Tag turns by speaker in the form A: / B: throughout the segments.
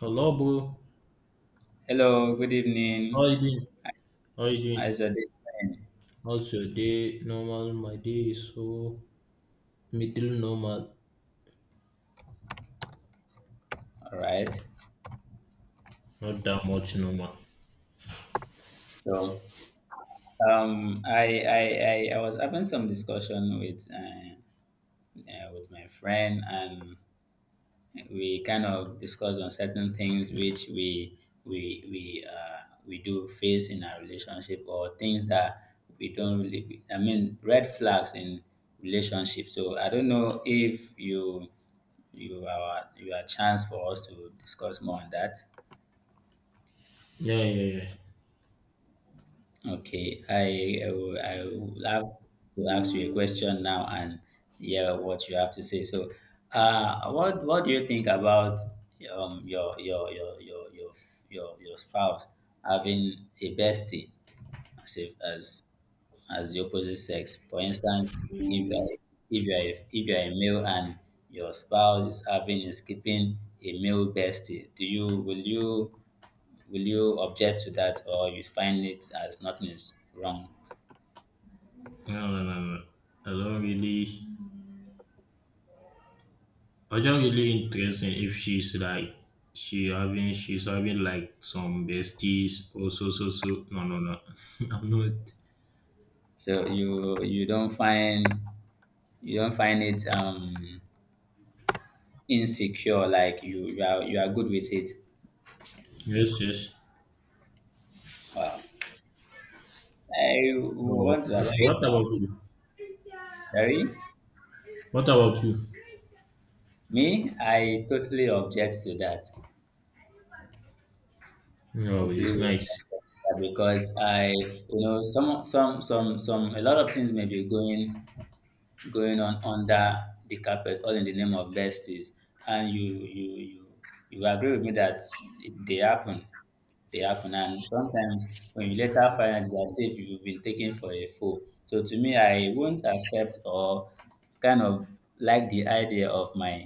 A: Hello, bro.
B: Hello, good evening.
A: How you doing? How you
B: How's
A: doing?
B: your day going?
A: How's your day? Normal. My day is so middle normal.
B: All right.
A: Not that much normal.
B: So, I was having some discussion with my friend, and we kind of discussed on certain things which we we uh, we do face in our relationship, or things that we don't really. I mean, red flags in relationship. So I don't know if you are a chance for us to discuss more on that.
A: Yeah, yeah, yeah.
B: Okay, I will have to ask you a question now and hear what you have to say. So, what do you think about um your your your your your your spouse having a bestie as if, as the opposite sex? For instance, if you are a male and your spouse is keeping a male bestie, do you will you object to that, or you find it as nothing is wrong?
A: No, no, no, no. I don't really. I don't really interested if she's like she having she's having like some besties or so so so. No, no, no. I'm not.
B: So you don't find it insecure, like you are good with it.
A: Yes, yes.
B: Wow. I
A: No.
B: want to
A: What
B: allow
A: about
B: it.
A: you?
B: Sorry,
A: What about you?
B: me, I totally object to that.
A: No,
B: Totally
A: it's
B: will
A: nice.
B: object to that, because I, some a lot of things may be going on under the carpet, all in the name of besties. And you agree with me that it- they happen they happen. And sometimes when you later find out, it's as if you've been taken for a fool. So, to me, I won't accept or kind of like the idea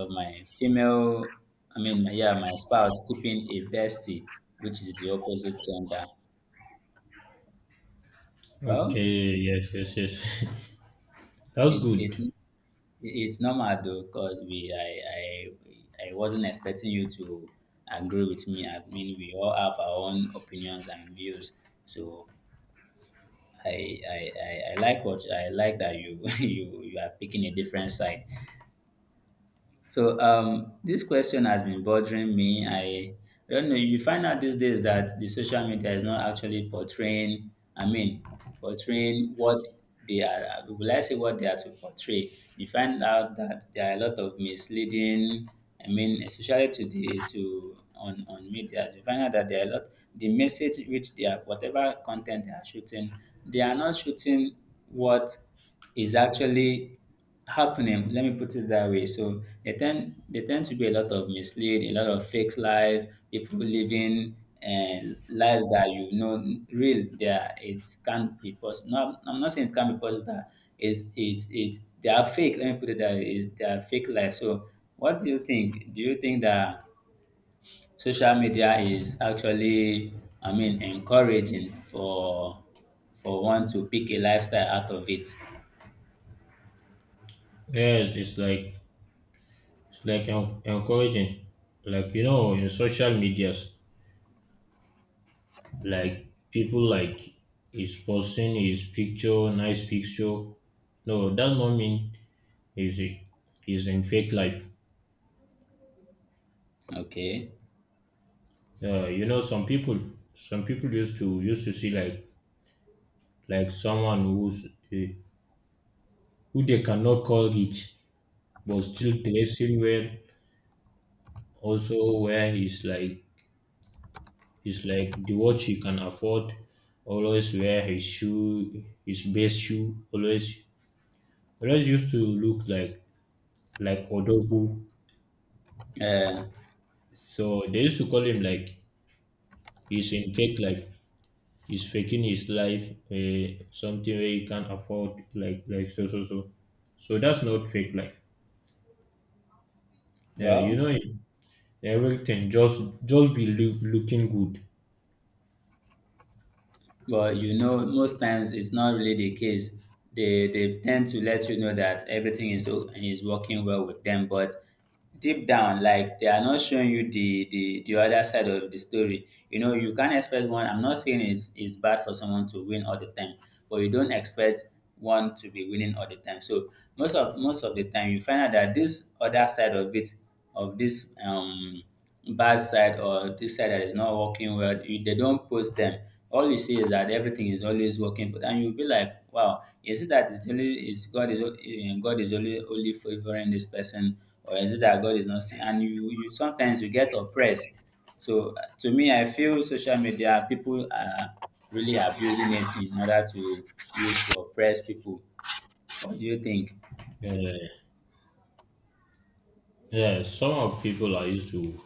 B: of my female, I mean, yeah, my spouse keeping a bestie which is the opposite gender. Well,
A: Okay. Yes, yes, yes. That's
B: it,
A: good.
B: it's it's normal though. Cause we I wasn't expecting you to agree with me. I mean, we all have our own opinions and views. So I like that you you are picking a different side. So, this question has been bothering me. I don't know. You find out these days that the social media is not actually portraying, I mean, portraying what they are. Will I say what they are to portray? You find out that there are a lot of misleading, I mean, especially to the to on media. You find out that there are a lot. The message, which they are, whatever content they are shooting, they are not shooting what is actually happening, let me put it that way. So they tend to do a lot of mislead, a lot of fake life, people living and lives that real there, it can't be possible. No, I'm not saying it can't be possible that it's it they are fake, let me put it that way, is they are fake life. So what do you think? Do you think that social media is actually, I mean, encouraging for one to pick a lifestyle out of it?
A: Yes, it's like en- encouraging. Like you know, in social medias, like people like is posting his picture, nice picture. No, that not mean is it is in fake life.
B: Okay.
A: You know, some people used to used to see like someone who's who they cannot call rich, but still dressing well. Also, where he's like it's like the watch you can afford. Always wear his shoe, his best shoe. Always, always used to look like Odogu.
B: Uh,
A: So they used to call him like he's in fake life. He's faking his life. Something where he can't afford. Like so so so. So that's not fake life. Yeah, you
B: well,
A: know everything. Just be loo- looking good.
B: but most times it's not really the case. They tend to let you know that everything is is working well with them, but deep down, like they are not showing you the other side of the story. You can't expect one. I'm not saying it's bad for someone to win all the time, but you don't expect one to be winning all the time. So most of the time, you find out that this other side of it, of this bad side, or this side that is not working well, they don't post them. All you see is that everything is always working for, and you'll be like, wow, is it that is only is god is o- eh, god is only favoring this person, or is it that god is not seeing, and you sometimes you get oppressed. So, to me, I feel social media people are really abusing it in order to use to oppress people. What do you think?
A: Yeah, yeah. Some of people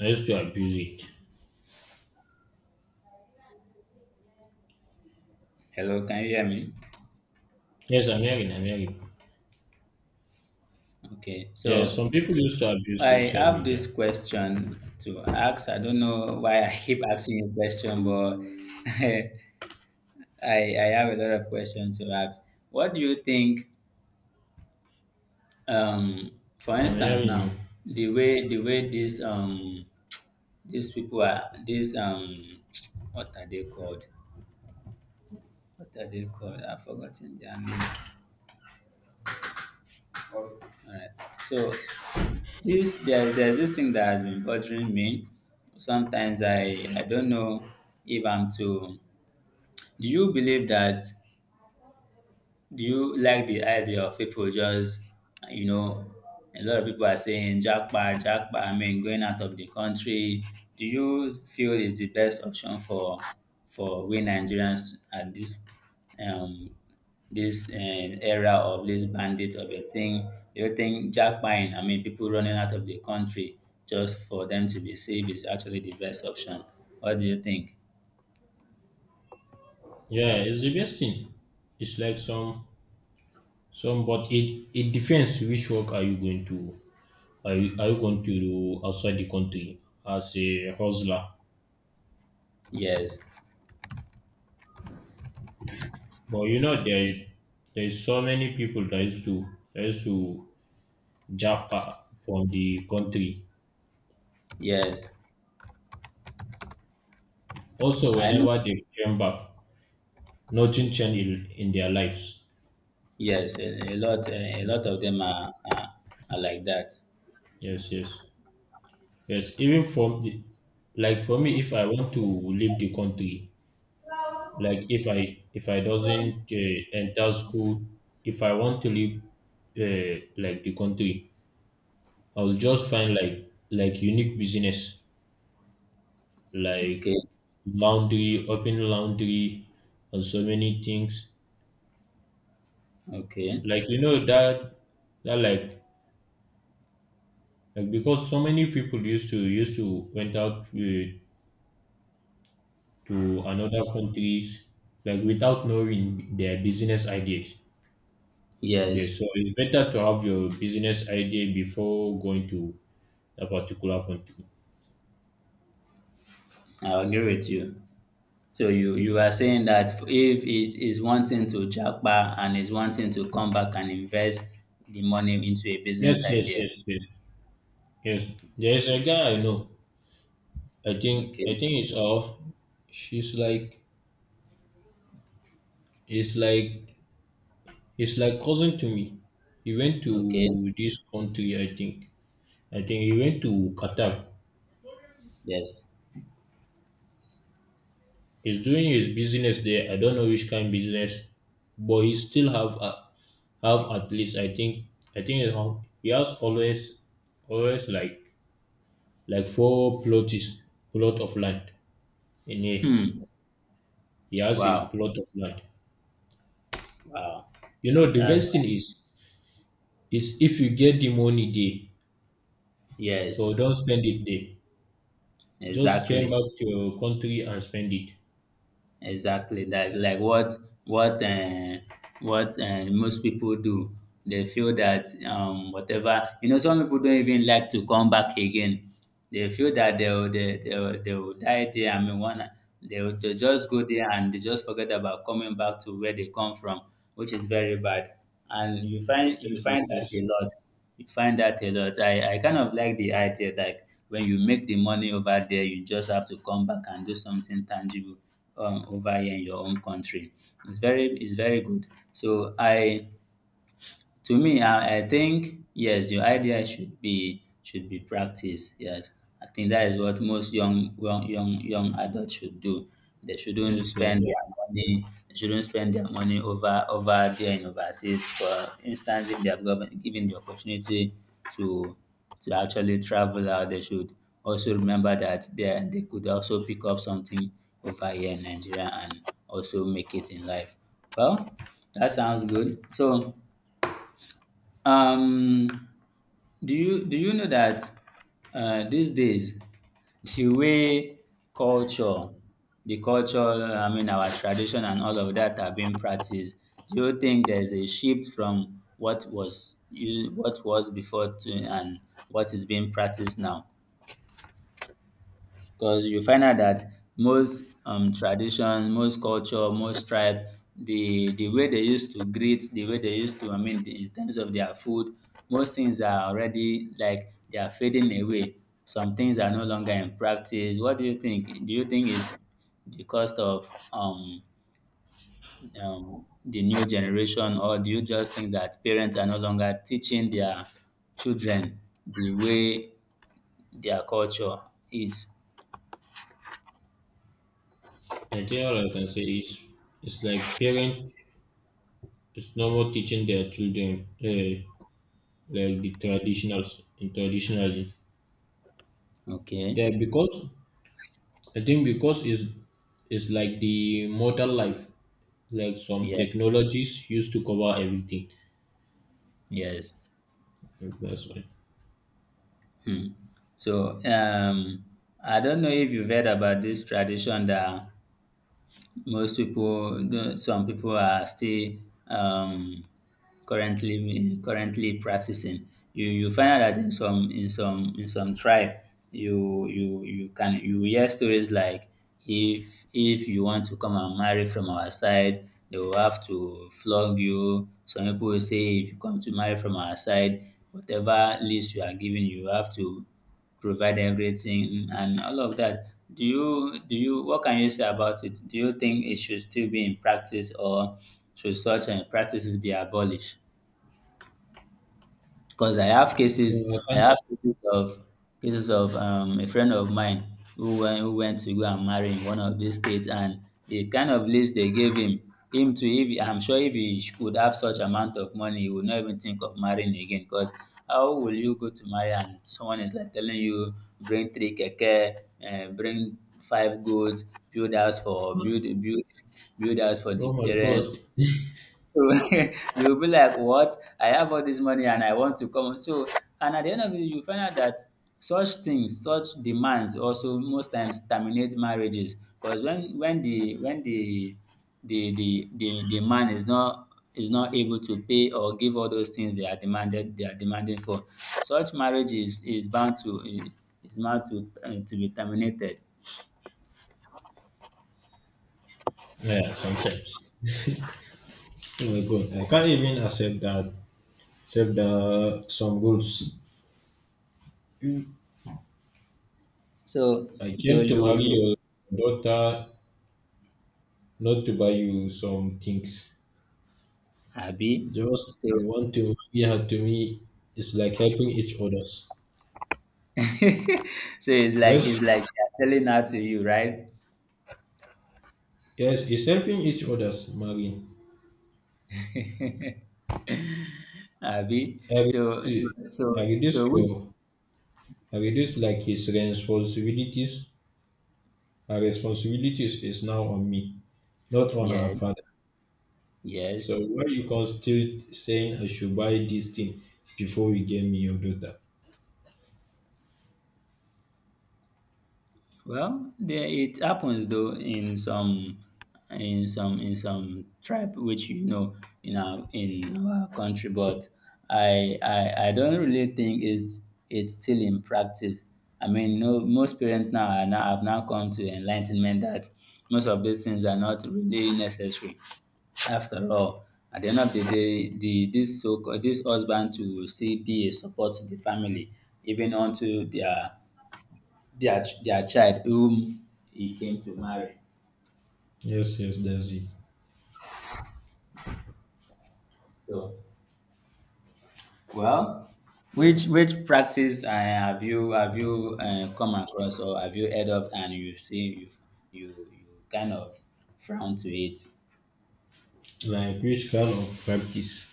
A: are used to abuse it.
B: Hello, can you hear me?
A: Yes, I'm hearing. I'm hearing.
B: Okay,
A: Yeah,
B: so
A: some people used to abuse
B: I
A: social
B: have this
A: media.
B: question to ask. I don't know why I keep asking you question, but I have a lot of questions to ask. What do you think, um, for
A: I'm
B: instance,
A: hearing
B: now,
A: you.
B: the way these people are, these what are they called? What are they called? I've forgotten their name. All right. So, this there, there's this thing that has been bothering me. Sometimes I don't know if I'm too. Do you believe that Do you like the idea of people just, you know, a lot of people are saying, jackpot, jackpot, I mean, going out of the country. Do you feel is the best option for we Nigerians at this um this uh, era of this bandit of a thing? Do you think jackpotting, I mean, people running out of the country just for them to be safe, is actually the best option? What do you think?
A: Yeah, it's the best thing. It's like some, but it depends which work are you going to are you going to do outside the country as a hustler.
B: Yes,
A: But you know there there is so many people that used to jump out from the country.
B: yes.
A: Also,
B: I know.
A: whenever they came back, nothing changed in their lives.
B: Yes, a
A: Yes,
B: lot
A: yes,
B: of them are, are like that.
A: yes, yes. Yes, even for the like for me, if I want to leave the country, like if I doesn't enter school, if I want to leave like the country, I'll just find like unique business
B: Okay,
A: like laundry, open laundry, and so many things.
B: okay.
A: Like you know that that like because so many people used to used to went out to another countries like without knowing their business ideas. Yeah,
B: Yes,
A: so it's better to have your business idea before going to a particular country.
B: I agree with you. So you are saying that if it is wanting to jackpot and is wanting to come back and invest the money into a business
A: Yes, yes,
B: idea.
A: yes, yes, yes. There's a guy I know. I think
B: Okay,
A: I think it's off. She's like it's like it's like cousin to me. He went
B: okay.
A: to this country. I think he went to Qatar.
B: Yes.
A: He's doing his business there. I don't know which kind of business, but he still have a, have at least I think it hon- he has always always like four plots plot of land in a
B: Hmm.
A: he has his
B: Wow.
A: plot of land.
B: Wow.
A: You know the
B: That's
A: best thing is if you get the money there,
B: yes.
A: so don't spend it there. Just came
B: Exactly.
A: back to your country and spend it.
B: Exactly. Like what uh, what most people do. They feel that whatever, some people don't even like to come back again. They feel that they'll die there. I mean, one they'll, they just go there and they just forget about coming back to where they come from, which is very bad. And you
A: Yes, yes, yes,
B: find that a
A: yes.
B: lot. You find that a lot. I kind of like the idea, like when you make the money over there, you just have to come back and do something tangible, over here in your own country. It's very, good. So I to me, I think, yes, your idea should be, practiced. Yes, I think that is what most young adults should do. They shouldn't
A: Yes, yes,
B: spend
A: yes.
B: their money. They shouldn't spend their money over there in overseas. For instance, if they have government given the opportunity to actually travel out, they should also remember that they could also pick up something over here in Nigeria and also make it in life. Well, that sounds good. So, um, do you know that, these days, the way culture, the culture, I mean, our tradition and all of that are being practiced. Do you think there's a shift from what was before to and what is being practiced now? Because you find out that most tradition, most culture, most tribe, the way they used to greet, the way they used to, I mean, in terms of their food, most things are already, like, they are fading away. Some things are no longer in practice. What do you think? Do you think it's the cost of the new generation, or do you just think that parents are no longer teaching their children the way their culture is?
A: I think all I can say is it's like parents it's normal teaching their children like the traditionals in traditionalism.
B: Okay.
A: Yeah, because I think because it's like the modern life, like some
B: Yeah.
A: technologies used to cover everything.
B: Yes.
A: That's why.
B: Hmm. So, I don't know if you've heard about this tradition that some people are still um, currently practicing. You find out that in some tribe, you hear stories like, if if you want to come and marry from our side, they will have to flog you. Some people will say, if you come to marry from our side, whatever list you are given, you have to provide everything and all of that. Do you what can you say about it? Do you think it should still be in practice, or should such practices be abolished? Because I have cases.
A: No,
B: I have
A: I
B: cases of a friend of mine who who went to go and marry in one of these states, and the kind of list they gave him to, if I'm sure, if he could have such amount of money, he would not even think of marrying again. Because how will you go to marry and someone is like telling you, bring three keke, bring five goats, build house for
A: can't.
B: build build build house for the
A: Oh my
B: parents.
A: god.
B: So you'll be like, what? I have all this money and I want to come. So, and at the end of it, you find out that such things, such demands, also most times terminate marriages. Because when the man is not able to pay or give all those things they are demanding for, such marriage is bound to be terminated.
A: Yeah, sometimes. Oh my god. I can't even accept that. Accept the, some rules.
B: So
A: I
B: so
A: came to
B: you
A: marry
B: you
A: your daughter not to buy you some things.
B: happy.
A: Just you want to marry her to me. It's like helping each others.
B: so it's like
A: Yes,
B: it's like they're selling out to you, right?
A: yes, it's helping each others, Marine.
B: Abi.
A: I
B: So so
A: reduce,
B: so
A: I
B: so
A: reduce
B: which
A: your, I reduce like his responsibilities. Her responsibilities is now on me, not on her
B: yes,
A: father.
B: yes.
A: So why you can still saying I should buy this thing before you give me your daughter?
B: Well, there it happens though in some tribe, which you know, in our country, but I don't really think it's still in practice. I mean, no, most parents now are now have now come to enlightenment that most of these things are not really necessary. After all, at the end of the day, the this so this husband to still be a support to the family, even unto their child whom he came to marry.
A: Yes, yes, that's it.
B: So, well, which practice have you come across or have you heard of and you see you kind of frown to it?
A: Like which kind of practice?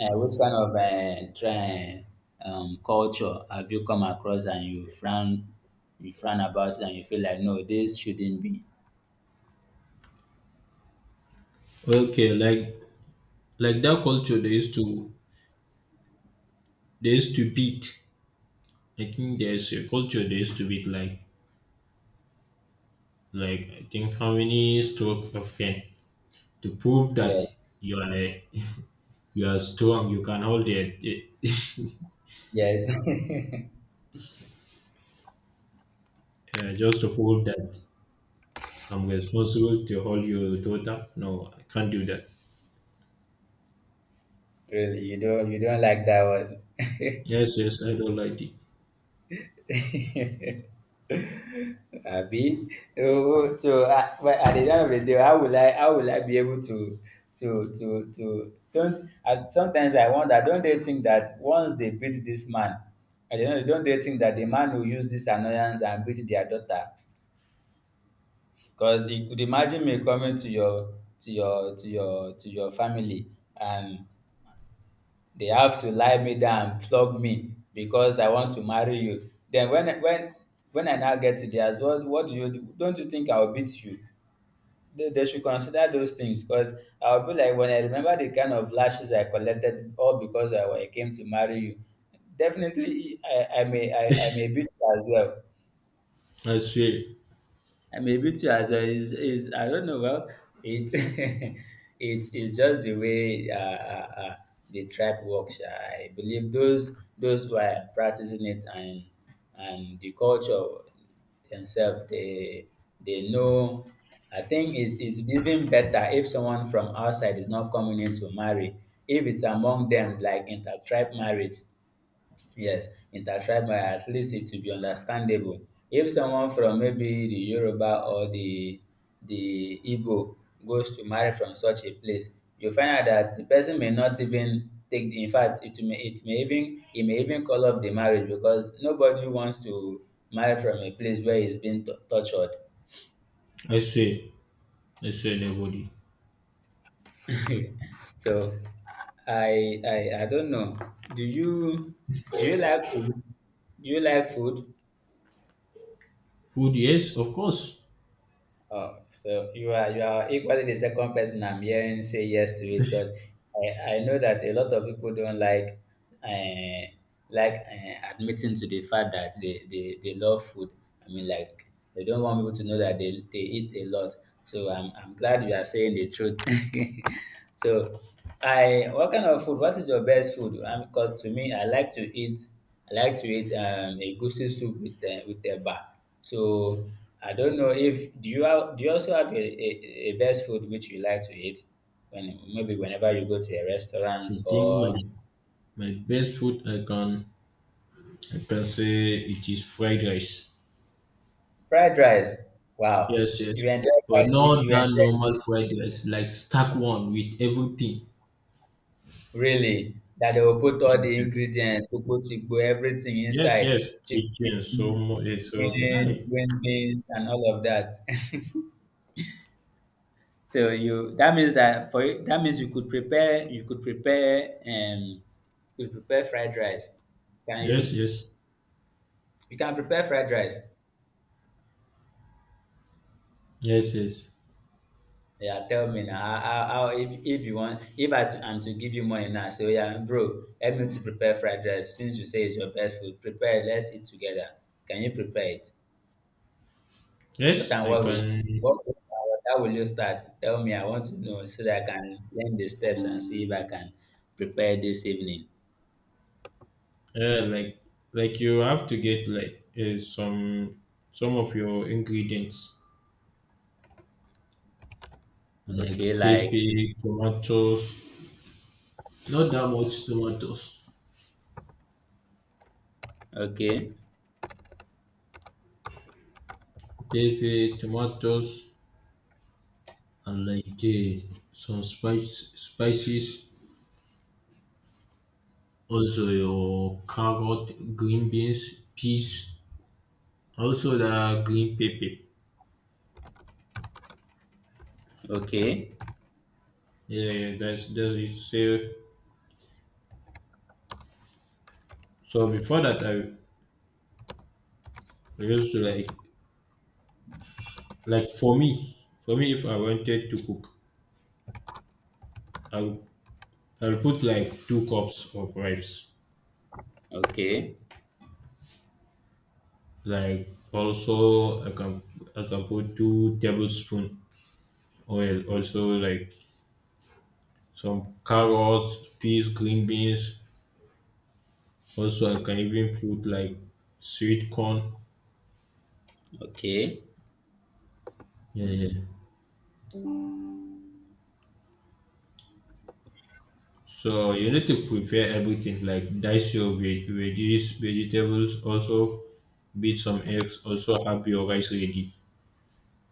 B: Which kind of culture have you come across and you frown about it and you feel like no, this shouldn't be?
A: Okay, like that culture they used to beat. I think there's a culture they used to beat like I think how many stroke of pen to prove that
B: Yes,
A: you are a you are strong. You can hold it. It
B: yes.
A: just to prove that I'm responsible to hold your daughter. No, I can't do that.
B: Really, you don't like that
A: Yes, yes, I don't like it.
B: one? Abi? Oh, so but at the end of the day, how will I be able to don't, and sometimes I wonder, don't they think that once they beat this man, at the end of the day, don't they think that the man will use this annoyance and beat their daughter? Because you could imagine me coming to your family and they have to lie me down and flog me because I want to marry you. Then when I now get to theirs, what do you do? Don't you think I'll beat you? They should consider those things, because I'll be like, when I remember the kind of lashes I collected all because I came to marry you. Definitely, I may beat you as well.
A: I swear,
B: I may beat you as well. Is I don't know. Well, it it is just the way the tribe works. I believe those who are practicing it and the culture themselves, they know. I think it's even better if someone from outside is not coming in to marry. If it's among them, like intertribe marriage, yes, intertribal, at least it will be understandable. If someone from maybe the Yoruba or the Igbo goes to marry from such a place, you find out that the person may not even take the, in fact it may even call off the marriage, because nobody wants to marry from a place where he's been tortured.
A: I swear, I swear, nobody.
B: So I don't know. Do you like food? Do you like food?
A: Food, yes, of course.
B: Oh, so you are equally the second person I'm hearing say yes to it, because I know that a lot of people don't like uh, admitting to the fact that they love food. I mean, like, they don't want people to know that they eat a lot. So I'm glad you are saying the truth. So I, what kind of food? What is your best food? Because to me, I like to eat a goosey soup with eba. So I don't know if do you also have a best food which you like to eat when maybe whenever you go to a restaurant
A: I think
B: or
A: my my best food I can say it is fried rice.
B: fried rice. Wow,
A: Yes, yes,
B: you enjoy
A: but not
B: you
A: that
B: enjoy
A: normal fried rice, like stack one with everything.
B: really that they will put
A: Yes,
B: all the
A: yes,
B: ingredients, put everything
A: yes,
B: inside
A: yes.
B: chicken,
A: Chicken, so much, so
B: beans,
A: right.
B: green beans, and all of that. So you, that means that for you, that means you could prepare fried rice. Can
A: Yes,
B: you?
A: yes.
B: You can prepare fried rice.
A: Yes, yes,
B: Yeah, tell me now. How if you want, if I am to give you money now, say, oh yeah, bro, help me to prepare fried rice. Since you say it's your best food, prepare it. Let's eat together. Can you prepare it? What
A: yes.
B: and
A: I
B: what will
A: can.
B: what and what will you start? Tell me. I want to know so that I can learn the steps and see if I can prepare this evening.
A: Yeah, like you have to get like some of your ingredients like
B: Okay, like,
A: pepper, tomatoes. Not that much tomatoes.
B: okay,
A: Pepper, tomatoes, and like some spice spices. Also your carrot, green beans, peas. Also the green pepper.
B: okay,
A: Yeah, yeah. That's it. So so before that, I used to like for me, if I wanted to cook, I'll I'll put like two cups of rice.
B: okay,
A: Like also, I can put two tablespoon oil. Also like some carrots, peas, green beans. Also, I can even put like sweet corn.
B: okay.
A: Yeah, yeah. So you need to prepare everything like dice your veg- veggies, vegetables. Also, beat some eggs. Also, have your rice ready.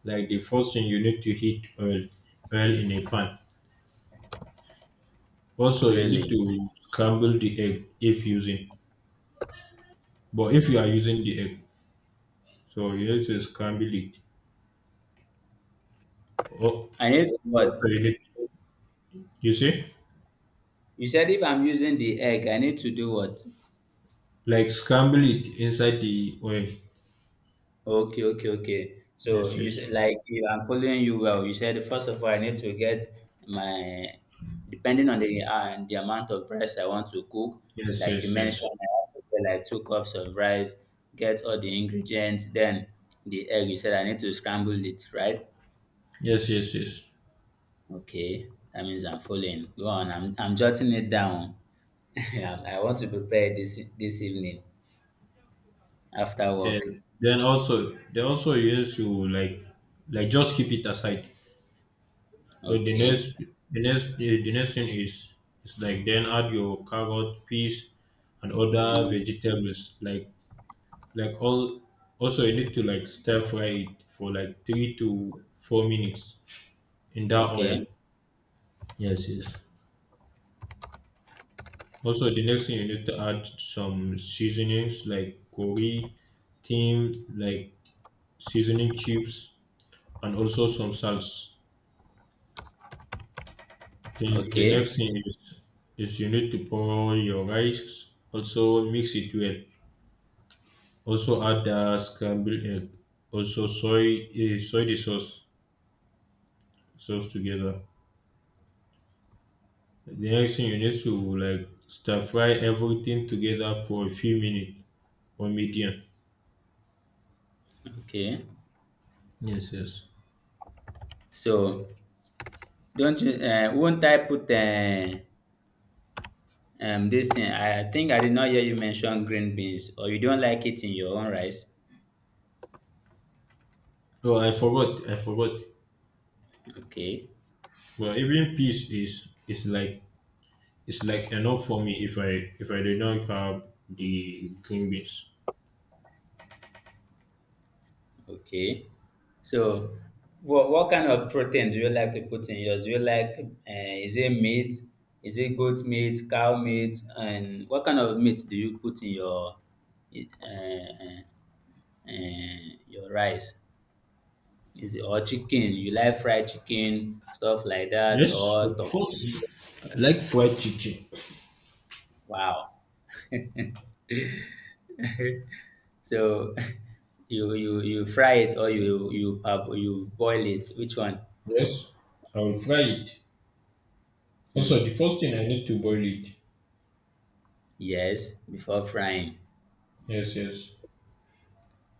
A: Like the first thing you need to heat oil oil in a pan, also you need
B: Really,
A: to scramble the egg if using but if you are using the egg, so you need to scramble it. Oh,
B: I need to what?
A: also you need, you see,
B: You said if I'm using the egg, I need to do what?
A: like scramble it inside the oil.
B: Okay. So
A: Yes,
B: you
A: yes,
B: said, like, if I'm following you well, you said first of all I need to get my, depending on the amount of rice I want to cook.
A: yes,
B: Like you
A: yes,
B: mentioned,
A: yes,
B: I have to get like 2 cups of rice, get all the ingredients, then the egg. You said I need to scramble it, right?
A: yes, yes, yes.
B: Okay, that means I'm following. Go on, I'm jotting it down. I want to prepare this this evening after work.
A: And then, also then also you need to like just keep it aside. So the
B: Okay,
A: next, the next thing is like then add your carrot, peas, and other vegetables. Like all. Also, you need to like stir fry it for like 3 to 4 minutes in that
B: okay,
A: oil. Yes, yes. Also, the next thing you need to add some seasonings like curry, thyme, like seasoning chips, and also some salts. Then the
B: okay,
A: next thing is you need to pour your rice, also mix it well. Also add the scrambled egg. Also soy eh, soy the sauce sauce together. The next thing you need to like stir fry everything together for a few minutes on medium.
B: okay.
A: Yes, yes.
B: So, don't you, won't I put this thing? I think I did not hear you mention green beans, or you don't like it in your own rice.
A: Oh, I forgot. I forgot.
B: Okay,
A: Well, even peas is like it's like enough for me if I do not have the green beans.
B: okay. So, what kind of protein do you like to put in yours? Do you like, is it meat? Is it goat meat, cow meat? And what kind of meat do you put in uh, your rice? Is it, or chicken? You like fried chicken, stuff like that,
A: Yes, of
B: or talk?
A: course. I like fried chicken.
B: Wow. So you fry it or you boil it? Which one?
A: Yes, I will fry it. Also,
B: Hmm.
A: the first thing I need to boil it.
B: Yes, before frying.
A: Yes, yes.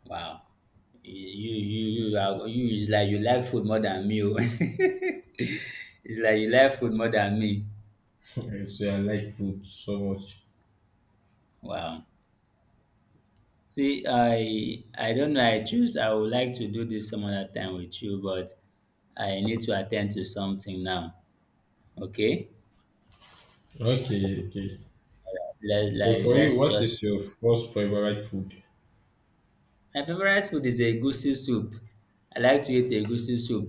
B: Wow. You is like you like food more than me. Oh. It's like you like food more than me.
A: Okay. So I like food so much.
B: Wow. See, I don't know. I choose. I would like to do this some other time with you, but I need to attend to something now. Okay.
A: Okay, okay. So for you,
B: Let's
A: what
B: just,
A: is your first favorite food?
B: my favorite food is egusi soup. I like to eat egusi soup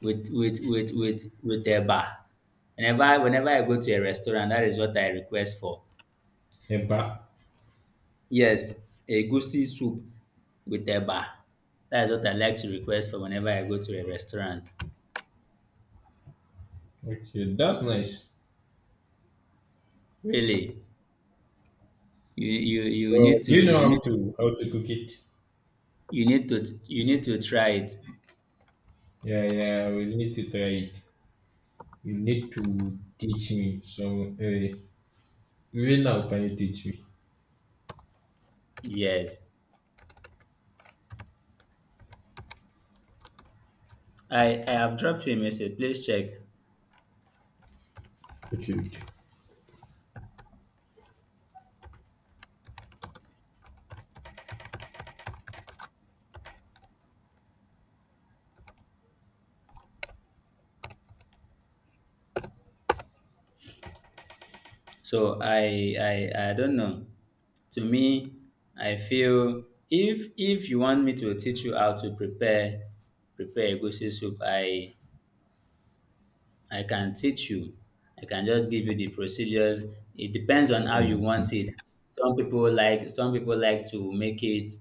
B: with with eba. Whenever whenever I go to a restaurant, that is what I request for.
A: Eba.
B: Yes, egusi soup with eba. That is what I like to request for whenever I go to a restaurant.
A: Okay, that's nice.
B: Really, you
A: So you know
B: need
A: how to cook it.
B: you need to you need to try it.
A: Yeah, yeah. We need to try it. You need to teach me. So even now, can you teach me?
B: Yes, I have dropped you a message. Please check.
A: Okay, okay.
B: So I don't know. To me, I feel if you want me to teach you how to prepare egusi soup, I can teach you. I can just give you the procedures. It depends on how
A: Yeah,
B: you want it. Some people like, some people like to make it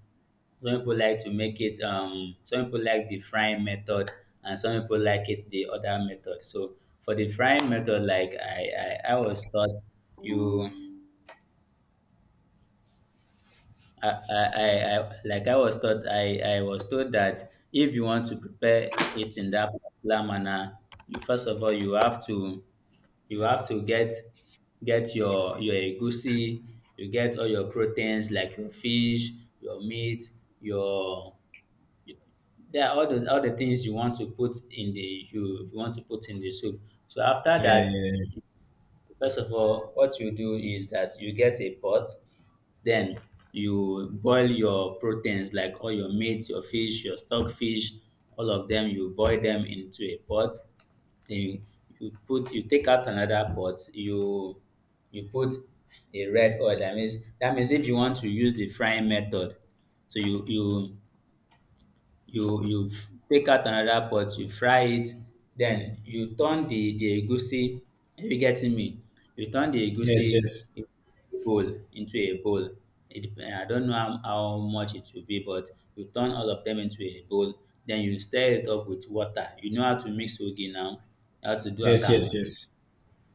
B: some people like to make it, some people like the frying method and some people like it the other method. So for the frying method, I was taught, you I- like I was taught, I was told that if you want to prepare it in that particular manner, you first of all you have to get your egusi, you get all your proteins like your fish, your meat, your, there are all the things you want to put in the, you want to put in the soup. So after
A: yeah,
B: that,
A: yeah, yeah.
B: first of all, what you do is that you get a pot, then you boil your proteins like all your meat, your fish, your stockfish, all of them, you boil them into a pot. Then you put, you take out another pot, you put a red oil. That means, if you want to use the frying method, so you take out another pot, you fry it, den you turn the egusi. Are you getting me? You turn the egusi
A: Yes, yes,
B: into a bowl, it depend, I don't know how much it will be, but you turn all of dem into a bowl, den you stir it up with water. You know how to mix ogi now, how to do
A: yes, yes,
B: akamu,
A: yes.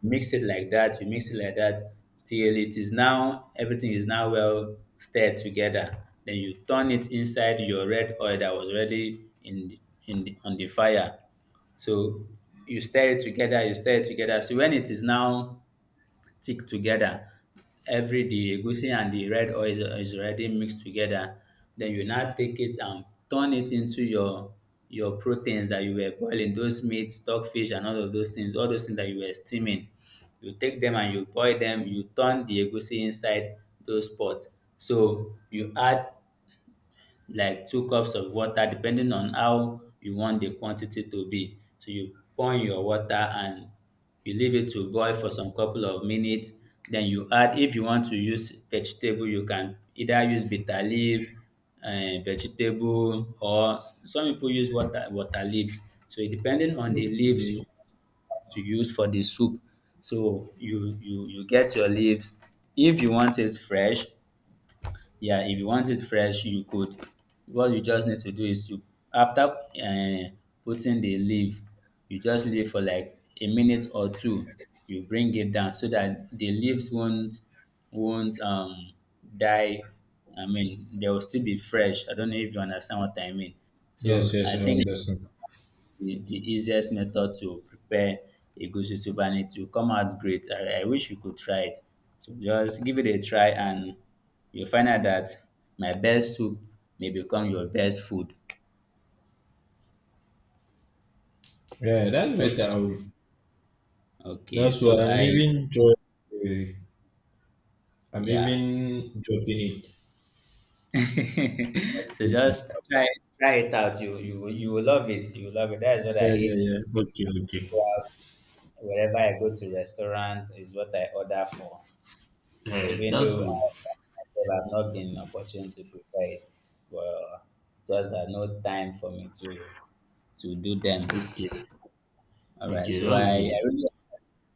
B: mix it like that, till it is now, everything is now well stirred together. Then you turn it inside your red oil that was already in the, on the fire. So you stir it together, So when it is now thick together, every the egusi and the red oil is already mixed together. Then you now take it and turn it into your proteins that you were boiling, those meat, stockfish and all of those things, all those things that you were steaming. You take them and you boil them, you turn the egusi inside those pots. So you add like 2 cups of water depending on how you want the quantity to be. So you pour in your water and you leave it to boil for some couple of minutes. Then you add, if you want to use vegetable, you can either use bitter leaf, um, vegetable, or some people use water, water leaves. So depending on the leaves you
A: Okay.
B: want to use for the soup. So you get your leaves. If you want it fresh, yeah, if you want it fresh, you could. What you just need to do is to, after putting the leaf, you just leave for like a minute or two. You bring it down so that the leaves won't won't um die. I mean, they will still be fresh. I don't know if you understand what I mean.
A: Yes,
B: So
A: yes.
B: I
A: I
B: think
A: understand.
B: the easiest method to prepare a egusi soup, and it will come out great. I wish you could try it. So just give it a try and you'll find out that my best soup may become your best food.
A: Yeah, that's
B: Okay.
A: better. I will—
B: Okay.
A: that's why
B: So
A: I'm
B: I,
A: even joy. I'm
B: yeah.
A: even dropping it. I'll
B: So
A: do that.
B: just try, try it out. You will love it. You will love it. That is what I
A: Yeah, yeah,
B: eat
A: yeah. Okay, okay.
B: wherever I go to restaurants, is what I order for.
A: Yeah,
B: Even
A: that's
B: though,
A: good.
B: well, I've not been opportune to prepare it, but just that no time for me to do them.
A: Okay,
B: All right.
A: okay,
B: So
A: that's
B: I
A: good.
B: really,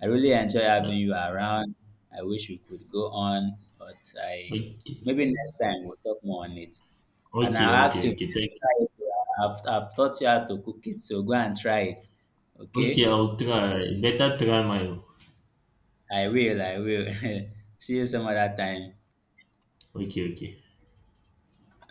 B: I really enjoy having
A: Uh,
B: you around. I wish we could go on, but I,
A: Okay,
B: maybe next time we'll talk more on it. And
A: okay,
B: I'll ask you
A: okay,
B: to
A: okay. Thank you.
B: try it. I've taught you how to cook it, so go and try it.
A: Okay,
B: Okay?
A: I'll try. Better try my.
B: I will. See you some other time.
A: Okay, okay.